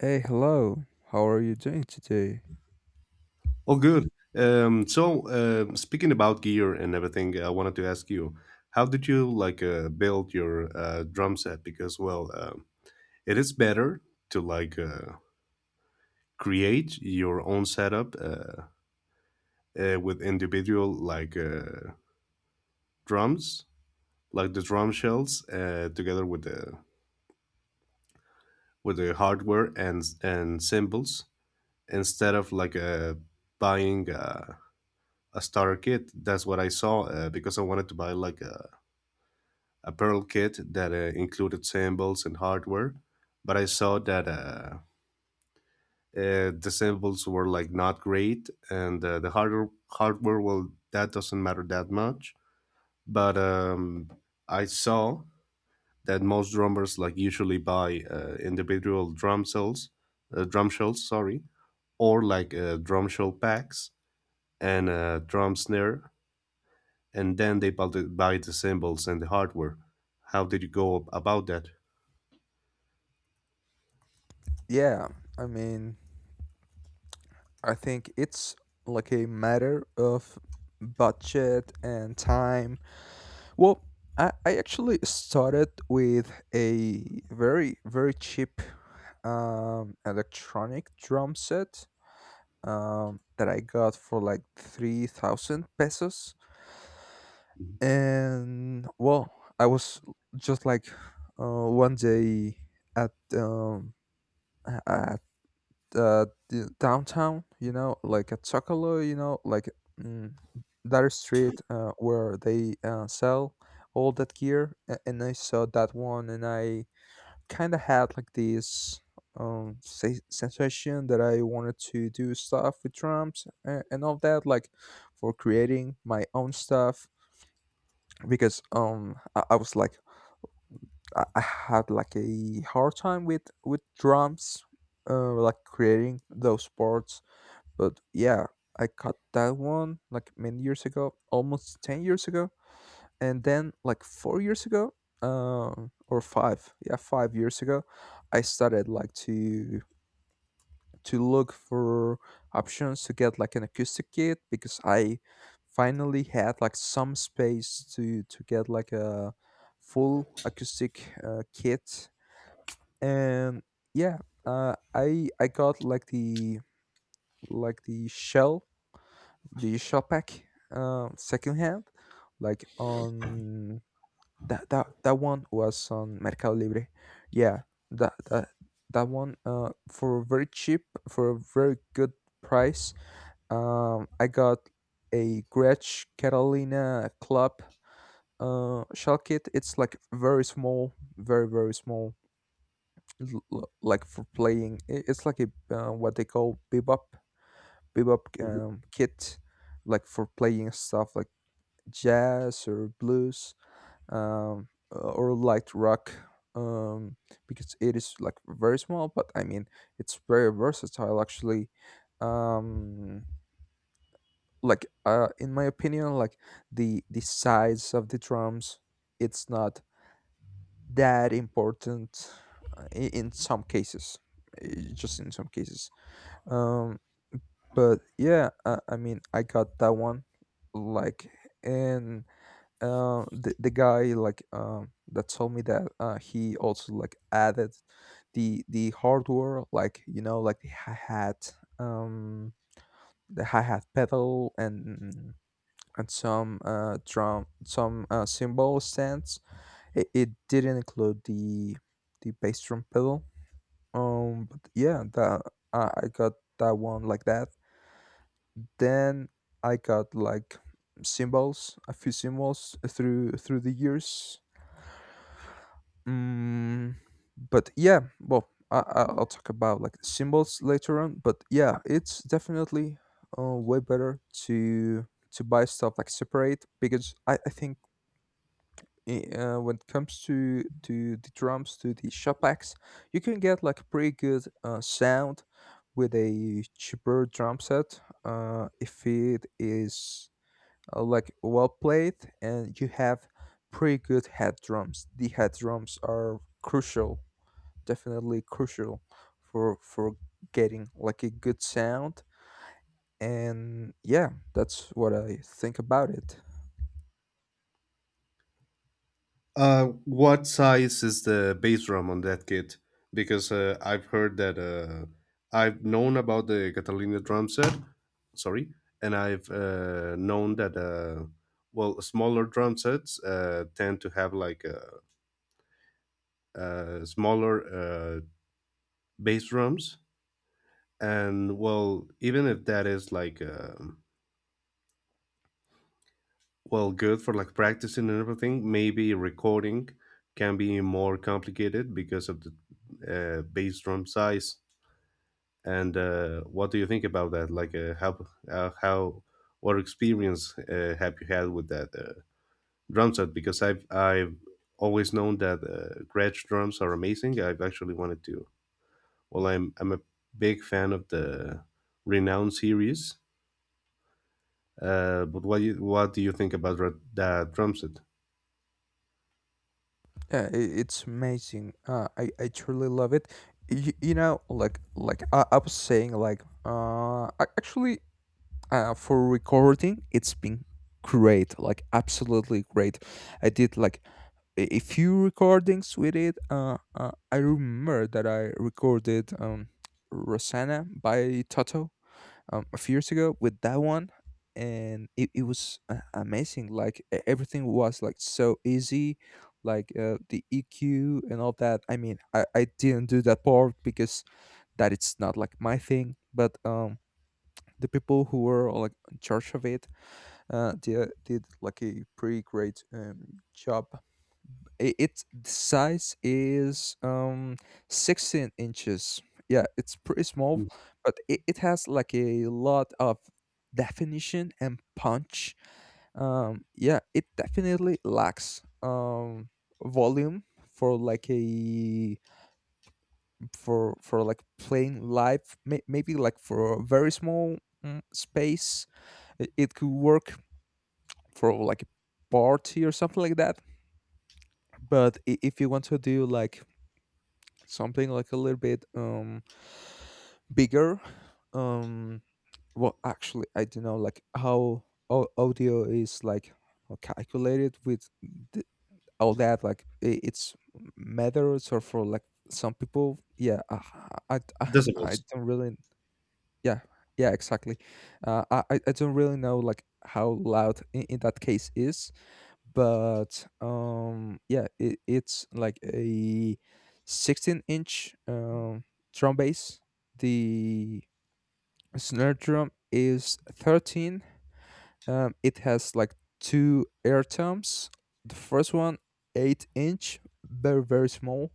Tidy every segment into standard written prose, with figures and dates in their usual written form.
Hey, hello. How are you doing today? Oh, good. Speaking about gear and everything, I wanted to ask you, how did you like build your drum set? Because, well, it is better to like create your own setup with individual like drums, like the drum shells, together with the hardware and cymbals, instead of like buying a starter kit. That's what I saw because I wanted to buy like a apparel kit that included samples and hardware, but I saw that the samples were like not great, and the harder hardware, well, that doesn't matter that much. But I saw that most drummers like usually buy individual drum cells, drum shells, sorry, or like drum shell packs and a drum snare, and then they buy the cymbals and the hardware. How did you go about that? Yeah, I mean, I think it's like a matter of budget and time. Well, I actually started with a very, very cheap electronic drum set. That I got for like 3,000 pesos. And well, I was just like one day at um, at the downtown, you know, like at Chocolo, you know, like mm, that street where they sell all that gear. And I saw that one and I kind of had like this sensation that I wanted to do stuff with drums and all that, like for creating my own stuff because I was like I had like a hard time with drums, like creating those parts. But yeah, I cut that one like many years ago, almost 10 years ago, and then like 4 years ago, or five, yeah, 5 years ago, I started like to look for options to get like an acoustic kit because I finally had like some space to get like a full acoustic kit and yeah I got like the shell pack secondhand like on that one was on Mercado Libre, yeah that that that one for very cheap, for a very good price. I got a Gretsch Catalina Club shell kit. It's like very small, very very small, like for playing. It's like a what they call bebop Mhm. Kit, like for playing stuff like jazz or blues, um, or light rock. Um, because it is like very small, but I mean it's very versatile actually. Um, like in my opinion, like the size of the drums, it's not that important, in some cases, just in some cases. um but yeah, I mean I got that one like, and the guy like that told me that he also like added the hardware, like you know, like the hi-hat, um the hi-hat pedal and some some cymbal stands. It didn't include the bass drum pedal. But yeah, that I got that one like that. Then I got like symbols, a few symbols through through the years. Mm, but yeah, well, I'll talk about like symbols later on. But yeah, it's definitely way better to to buy stuff like separate, because I think when it comes to the drums, to the shellbacks, you can get like a pretty good sound with a cheaper drum set if it is like well played and you have pretty good head drums. The head drums are crucial, definitely crucial for getting like a good sound, and yeah, that's what I think about it. What size is the bass drum on that kit? Because I've heard that I've known about the Catalina drum set, sorry, and I've known that well, smaller drum sets tend to have like smaller uh, bass drums, and well, even if that is like well good for like practicing and everything, maybe recording can be more complicated because of the bass drum size. And what do you think about that? Like, what experience have you had with that drum set? Because I've always known that Gretsch drums are amazing. I've actually wanted to. Well, I'm a big fan of the Renown series. But what do you think about that drum set? Yeah, it's amazing. I truly love it. You know, like like I was saying, like actually, for recording, it's been great, like absolutely great. I did like a few recordings with it. I remember that I recorded Rosanna by Toto a few years ago with that one, and it was amazing, like everything was like so easy, like the eq and all that. I mean, I didn't do that part because that it's not like my thing, but the people who were like in charge of it, they did like a pretty great job. Its size is 16 inches, yeah, it's pretty small, Mm. but it has like a lot of definition and punch. Yeah, it definitely lacks volume for like a for like playing live. Maybe like for a very small, space, it could work for like a party or something like that. But if you want to do like something like a little bit bigger, um well, actually, I don't know like how audio is like calculated with th- all that, like it's methods or for like some people. Yeah, I I Decibels. don't really, yeah, yeah exactly. I don't really know like how loud in that case is, but yeah, it's like a 16 inch drum bass. The snare drum is 13. It has like two air toms. The first one, 8 inch, very very small,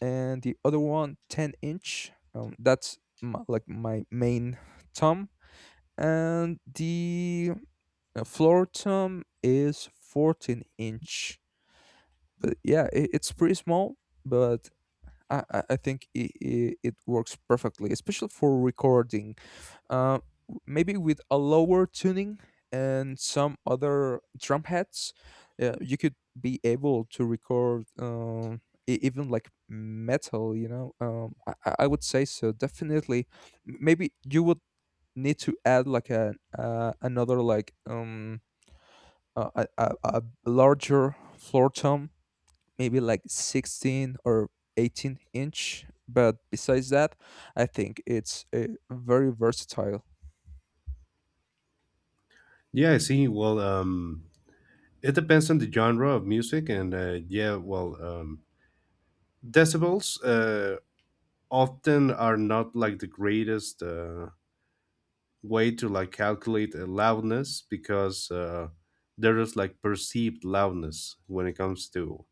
and the other 1 ten inch, that's my, like my main tom, and the floor tom is 14 inch. But yeah, it, it's pretty small, but I I think it works perfectly, especially for recording. Uh, maybe with a lower tuning and some other drum heads, you could be able to record even like metal, you know? I, I would say so, definitely. Maybe you would need to add like a another, like a, a larger floor tom, maybe like 16 or 18 inch. But besides that, I think it's very versatile. Yeah, I see. Well, it depends on the genre of music, and yeah, well, decibels. Often are not like the greatest way to like calculate a loudness because there is like perceived loudness when it comes to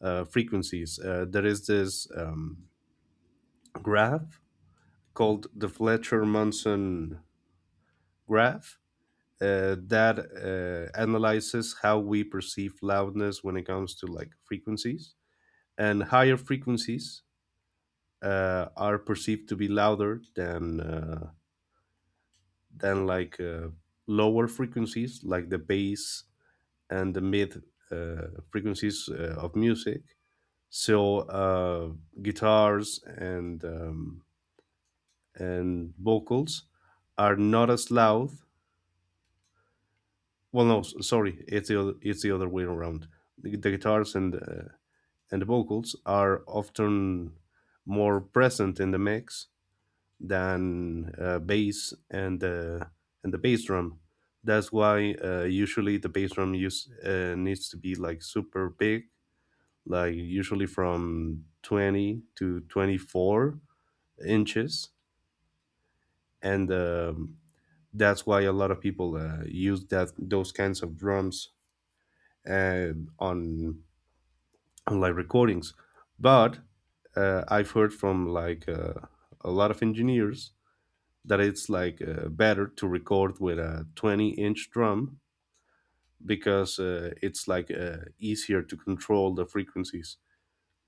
frequencies. There is this graph called the Fletcher Munson graph. That analyzes how we perceive loudness when it comes to like frequencies, and higher frequencies are perceived to be louder than like lower frequencies like the bass and the mid frequencies of music. So guitars and vocals are not as loud, well, no, sorry, it's the other way around. The guitars and the vocals are often more present in the mix than bass and the bass drum. That's why usually the bass drum use needs to be like super big, like usually from 20 to 24 inches, and that's why a lot of people use that those kinds of drums uh, on on live recordings. But I've heard from like a lot of engineers that it's like better to record with a 20-inch drum because it's like easier to control the frequencies,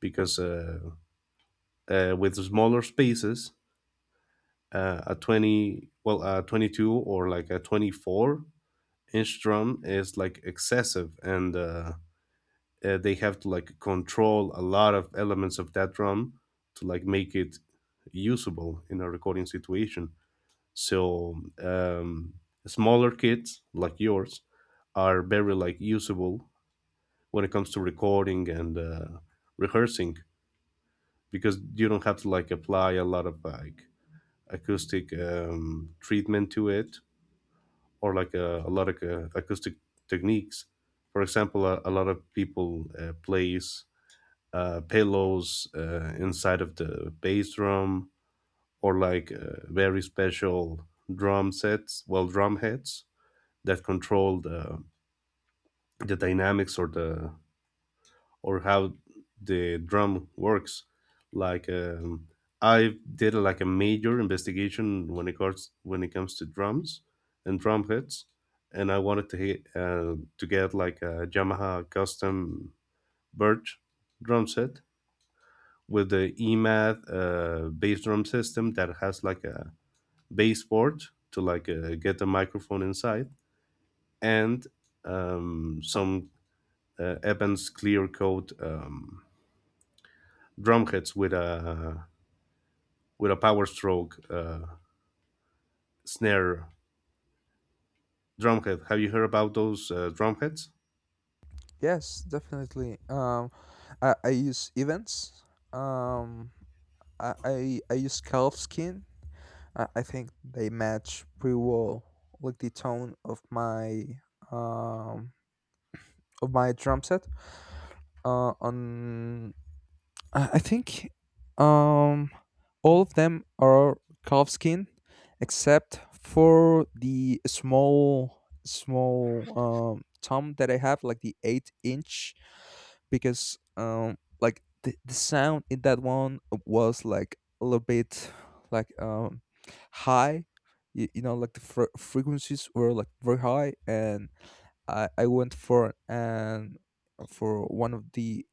because with smaller spaces, a 20 well a 22 or like a 24-inch drum is like excessive, and they have to like control a lot of elements of that drum to like make it usable in a recording situation. So smaller kits like yours are very like usable when it comes to recording and rehearsing, because you don't have to like apply a lot of like acoustic treatment to it, or like a lot of acoustic techniques. For example, a lot of people plays pillows inside of the bass drum, or like very special drum sets, well, drum heads that control the dynamics, or the or how the drum works. Like, I did like a major investigation when it comes to drums and drum heads, and I wanted to to get like a Yamaha custom Birch drum set with the EMAD bass drum system that has like a bass port to like get the microphone inside, and some Evans clear coat drumheads with a power stroke snare drumhead. Have you heard about those drumheads? Yes, definitely. I use events. Um, I use calfskin. I think they match pretty well, like the tone um of my drum set. On I think um all of them are calfskin, except for the small tom that I have, like the 8 inch, because like the sound in that one was like a little bit like high. You know like the frequencies were like very high, and I went for an, for one of the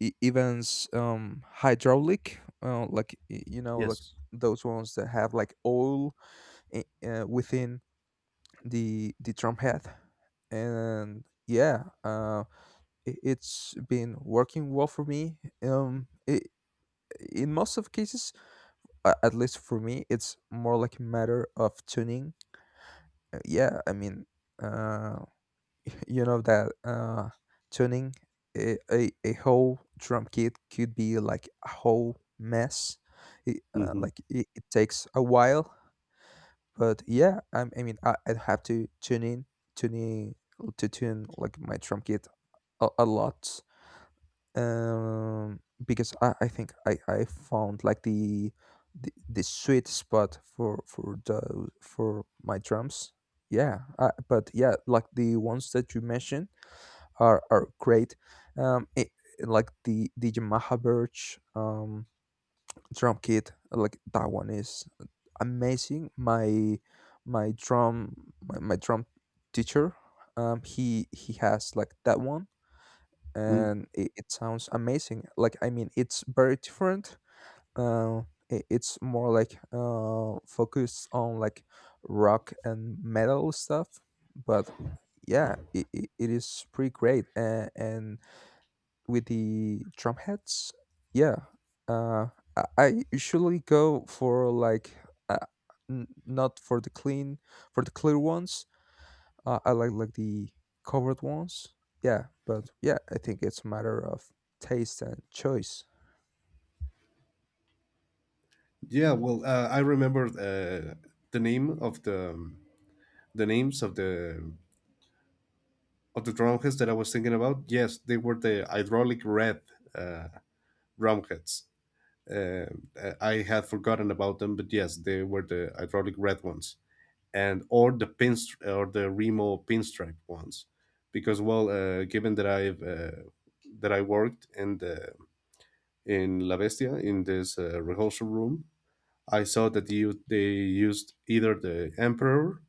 events hydraulic like you know, like Yes. those ones that have like oil within the drum head, and yeah, it's been working well for me. In most of cases, at least for me, it's more like a matter of tuning. Yeah, I mean, uh, you know that tuning a whole drum kit could be like a whole mess. Hmm. It takes a while, but yeah, I mean, I have to tune in, tuning to tune like my drum kit a lot. um because I think I found like the sweet spot for the for my drums. Yeah, but yeah, like the ones that you mentioned are great. um it, like the yamaha birch drum kit, like that one is amazing. My drum teacher, he has like that one, Mm. and it sounds amazing. Like I mean, it's very different, uh, it's more like focused on like rock and metal stuff, but yeah, it is pretty great. And with the drum heads, yeah, uh, I usually go for like uh, not for the clean, for the clear ones. Uh, I like the covered ones. Yeah, but yeah, I think it's a matter of taste and choice. Yeah. Well, I remember the name of the the names of the drumheads that I was thinking about. Yes, they were the hydraulic red uh, drumheads. Uh, I had forgotten about them, but yes, they were the hydraulic red ones. And or the Remo pinstripe ones, because, well, given that I've that I worked in La Bestia, in this rehearsal room, I saw that you they used either the Emperor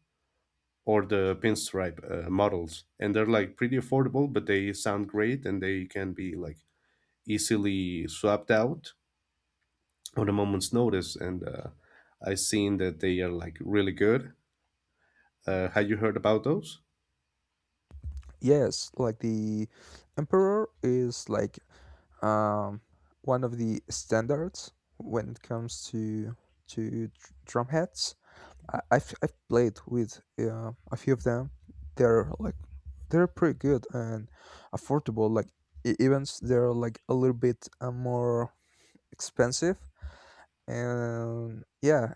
or the pinstripe models, and they're like pretty affordable, but they sound great and they can be like easily swapped out on a moment's notice. And I've seen that they are like really good. Have you heard about those? Yes, like the emperor is like um one of the standards when it comes to drum heads. I've played with a few of them. They're like they're pretty good and affordable, like they're like a little bit more expensive. And yeah,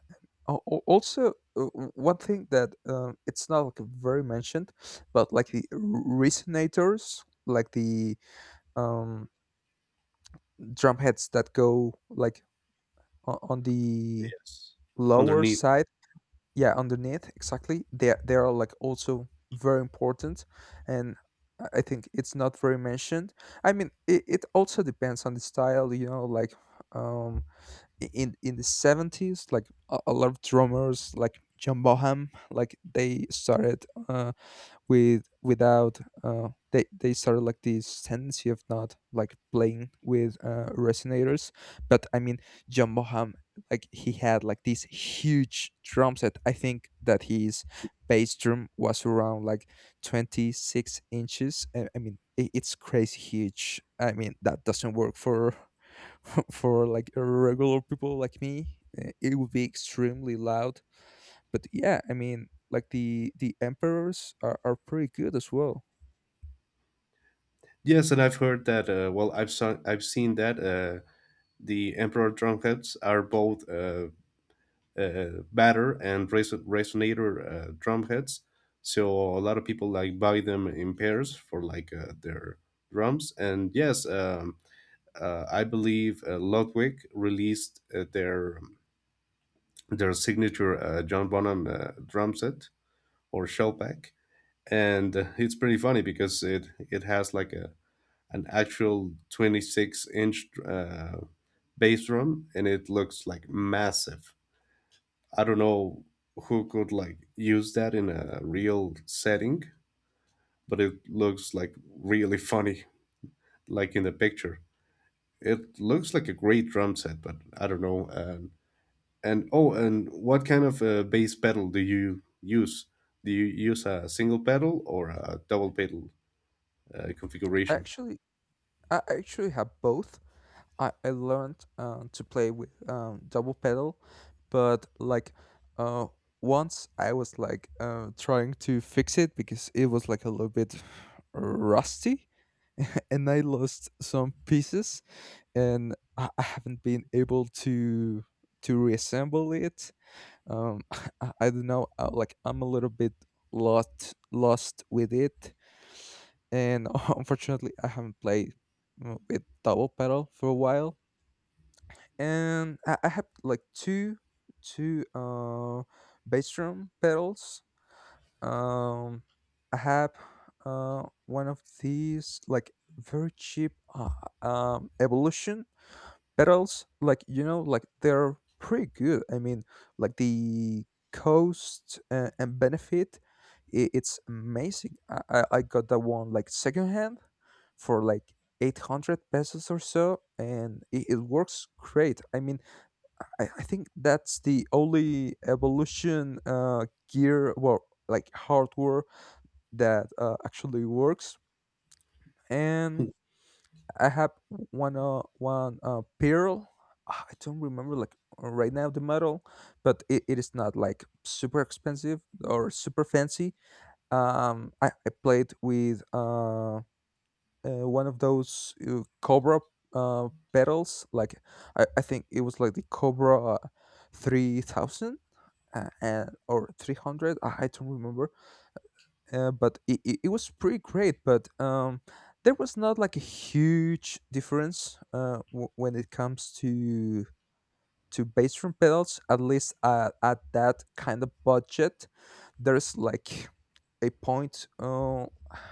Also, one thing that it's not like very mentioned, but like the resonators, like the um drum heads that go like on the Yes. lower Underneath. side, yeah, underneath, exactly. They are like also very important, and I think it's not very mentioned. I mean, it also depends on the style, you know, like um in the 70s, like a lot of drummers like john bonham, like they started uh with without they they started like this tendency of not like playing with resonators. But I mean, john boham, like he had like this huge drum set. I think that his bass drum was around like 26 inches. I mean it's crazy huge. I mean that doesn't work for for like regular people like me. It would be extremely loud, but yeah, I mean, like the emperors are pretty good as well. Yes, and I've heard that. Well, I've seen that the emperor drumheads are both batter and resonator drumheads. So a lot of people like buy them in pairs for like their drums. And yes, I believe Ludwig released their signature John Bonham drum set or shell pack, and it's pretty funny because it has like a an actual 26 inch bass drum, and it looks like massive. I don't know who could like use that in a real setting, but it looks like really funny, like in the picture. It looks like a great drum set, but I don't know. And oh, and what kind of bass pedal do you use, do you use a single pedal or a double pedal I configuration? actually, I actually have both. I learned to play with double pedal, but uh, once I was like trying to fix it because it was like a little bit rusty, and I lost some pieces, and I haven't been able to reassemble it um I don't know like I'm a little bit lost with it and unfortunately I haven't played with double pedal for a while, and I have like two bass drum pedals. um I have one of these like very cheap evolution, but else, like you know, like they're pretty good. I mean, like the cost and benefit, it's amazing. I got that one like secondhand for like 800 pesos or so, and it works great. I mean, I think that's the only evolution gear, well, like hardware that actually works. And I have one pearl. Ah, I don't remember like right now the model, but it is not like super expensive or super fancy. I played with one of those cobra pedals. Like I think it was like the cobra 3,000 and or 300. I don't remember, but it was pretty great, but there was not like a huge difference when it comes to bass drum pedals. At least at that kind of budget, there's like a point,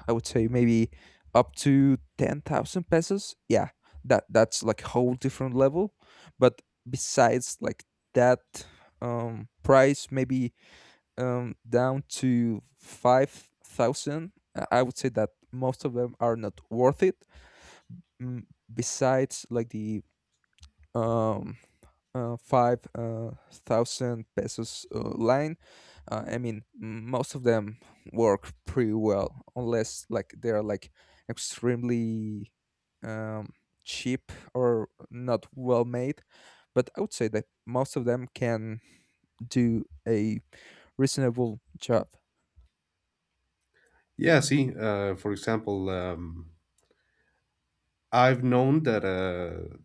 I would say maybe up to 10,000 pesos, yeah, that that's like a whole different level. But besides like that, price maybe down to 5,000. I would say that most of them are not worth it. Mm, besides, like the um, five thousand pesos line, I mean, most of them work pretty well, unless like they are like extremely um, cheap or not well made. But I would say that most of them can do a reasonable job. Yeah, see, for example, I've known that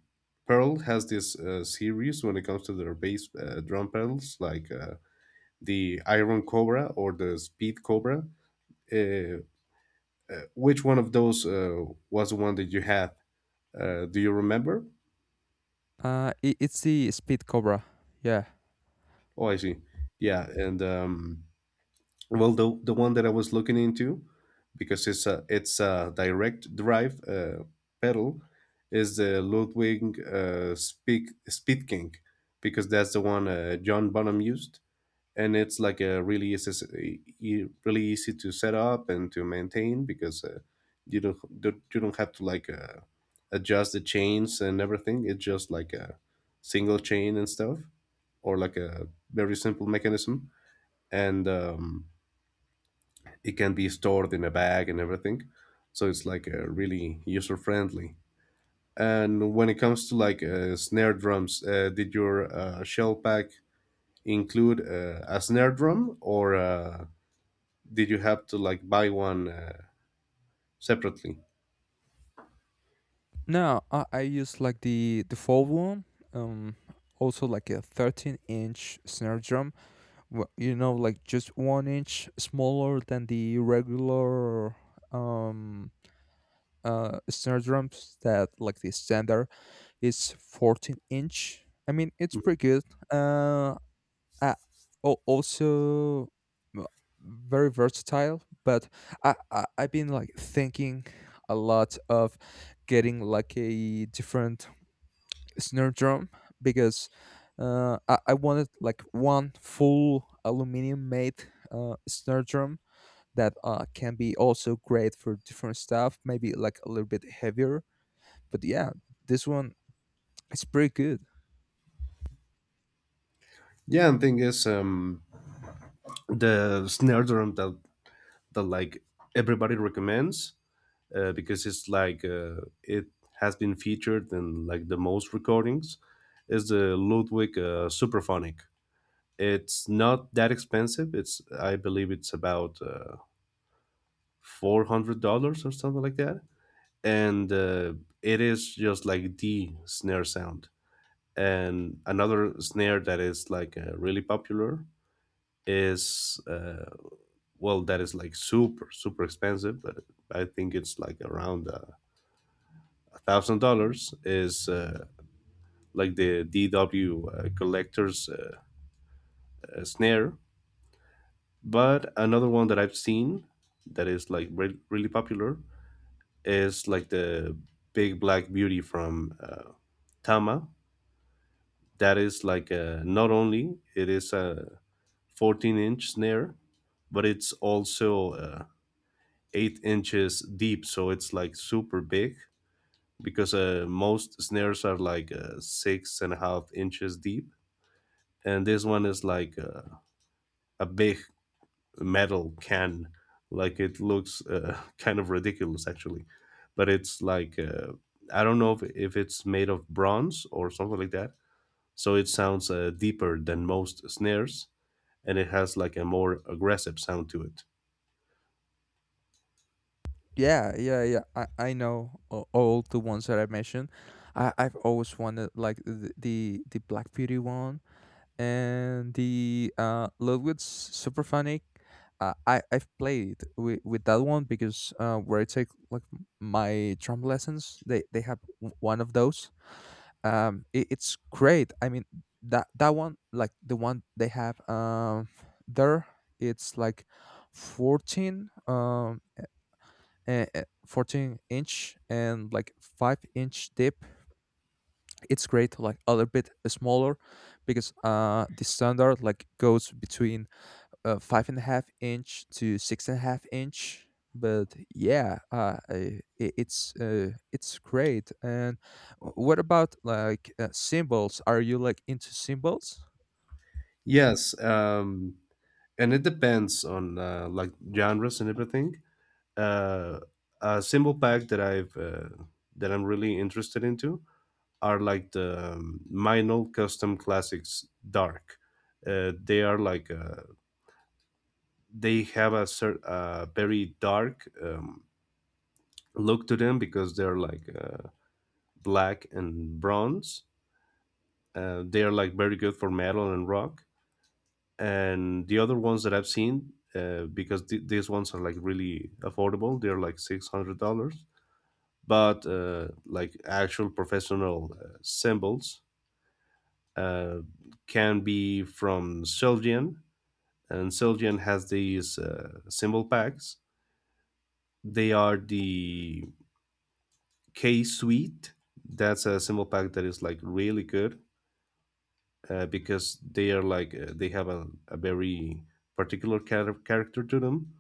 Pearl has this series when it comes to their bass drum pedals, like the Iron Cobra or the Speed Cobra. Uh, which one of those was the one that you had? Do you remember? It's the Speed Cobra. Yeah. Oh, I see. Yeah, and well, the one that I was looking into, because it's a direct drive pedal, is the Ludwig Speak Speed King, because that's the one John Bonham used, and it's like a really easy, e- e, really easy to set up and to maintain because you don't have to like adjust the chains and everything. It's just like a single chain and stuff, or like a very simple mechanism, and it can be stored in a bag and everything, so it's like really user friendly. And when it comes to like snare drums, did your shell pack include a snare drum, or did you have to like buy one separately? No, I use like the default one. Um, also like a 13-inch snare drum. You know, like just one inch smaller than the regular um snare drums, that like the standard is 14 inch. I mean, it's pretty good. Uh, uh, also uh, very versatile, but I've been like thinking a lot of getting like a different snare drum, because I wanted like one full aluminum made snare drum that can be also great for different stuff, maybe like a little bit heavier. But yeah, this one is pretty good. Yeah, and thing is, the snare drum that like everybody recommends because it's like it has been featured in like the most recordings is the Ludwig Superphonic. It's not that expensive. It's I believe it's about $400 or something like that, and it is just like the snare sound. And another snare that is like really popular is well, that is like super super expensive. But I think it's like around $1,000. Is like the DW collector's snare. But another one that I've seen that is like really popular is like the Big Black Beauty from Tama. That is like not only it is a 14-inch snare, but it's also 8 inches deep, so it's like super big because most snares are like 6.5 inches deep, and this one is like a big metal can. Like, it looks kind of ridiculous, actually, but it's like I don't know if it's made of bronze or something like that, so it sounds deeper than most snares, and it has like a more aggressive sound to it. Yeah, yeah, yeah, I know all the ones that I mentioned. I've always wanted like the Black Beauty one and the Ludwig's Superphonic. I've played with that one, because where I take like my drum lessons, they have one of those. It's great. I mean, that one like the one they have there, it's like 14 um uh, uh, 14 inch and like 5-inch dip. It's great, like a little bit smaller, because the standard like goes between five and a half inch to six and a half inch. But yeah, it's great. And what about like symbols? Are you like into symbols? Yes. And it depends on like genres and everything. uh, a cymbal pack that I've that I'm really interested into are like the minor custom classics dark. They are like they have a very dark look to them because they're like black and bronze. They are like very good for metal and rock. And the other ones that I've seen, because these ones are like really affordable, they're like $600. But like actual professional symbols uh, can be from Sylvian. And Siljan has these symbol packs. They are the K Suite. That's a symbol pack that is like really good because they are like they have a very particular character to them.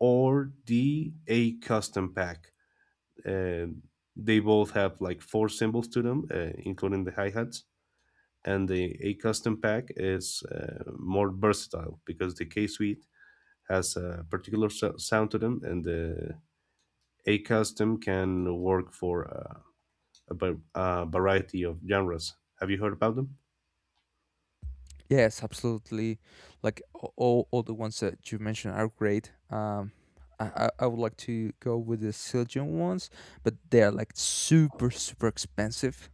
Or the A Custom pack. And they both have like four symbols to them, including the hi hats. And the A Custom pack is more versatile because the K Suite has a particular sound to them, and the A custom can work for a variety of genres. Have you heard about them? Yes, absolutely. Like all the ones that you mentioned are great. I would like to go with the Siljan ones, but they are like super super expensive.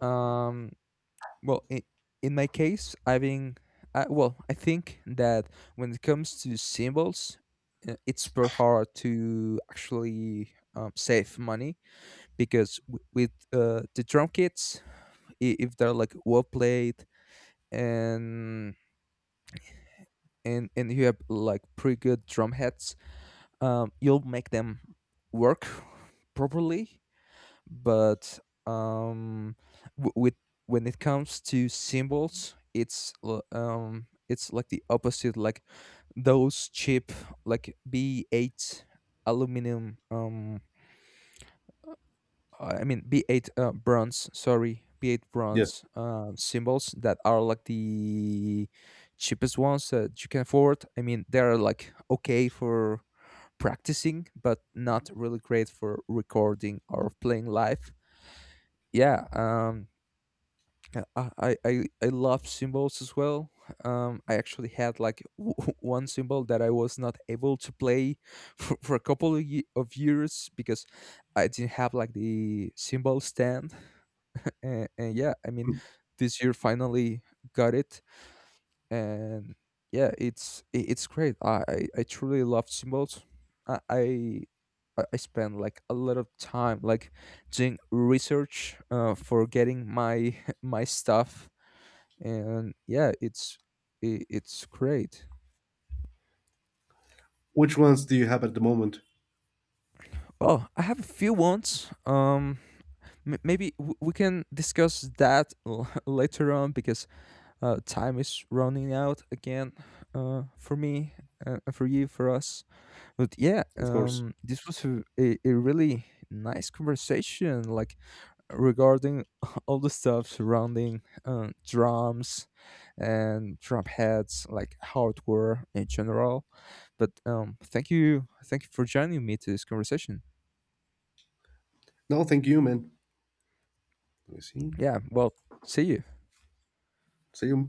Um, well, in my case, I've been well, I think that when it comes to symbols, it's very hard to actually save money, because with the drum kits, if they're like well played and and you have like pretty good drum heads, you'll make them work properly. But um, w- with when it comes to cymbals, it's it's like the opposite. Like those cheap like B8 aluminum I mean B8 bronze, sorry, B8 Yes. bronze symbols, that are like the cheapest ones that you can afford. I mean, they're like okay for practicing, but not really great for recording or playing live. Yeah, I love symbols as well. I actually had like one symbol that I was not able to play for a couple of, years, because I didn't have like the symbol stand. And yeah, I mean, this year finally got it. And yeah, it's it's great. I truly love symbols. I i I I spend like a lot of time like doing research for getting my my stuff. And yeah, it's it's great. Which ones do you have at the moment? Well, I have a few ones. Maybe we can discuss that later on, because time is running out again, for me, for you, for us. But yeah, Of course. This was a really nice conversation, like regarding all the stuff surrounding drums and drum heads, like hardware in general. But thank you for joining me to this conversation. No, thank you, man. Let me see. Yeah, well, see you. See you.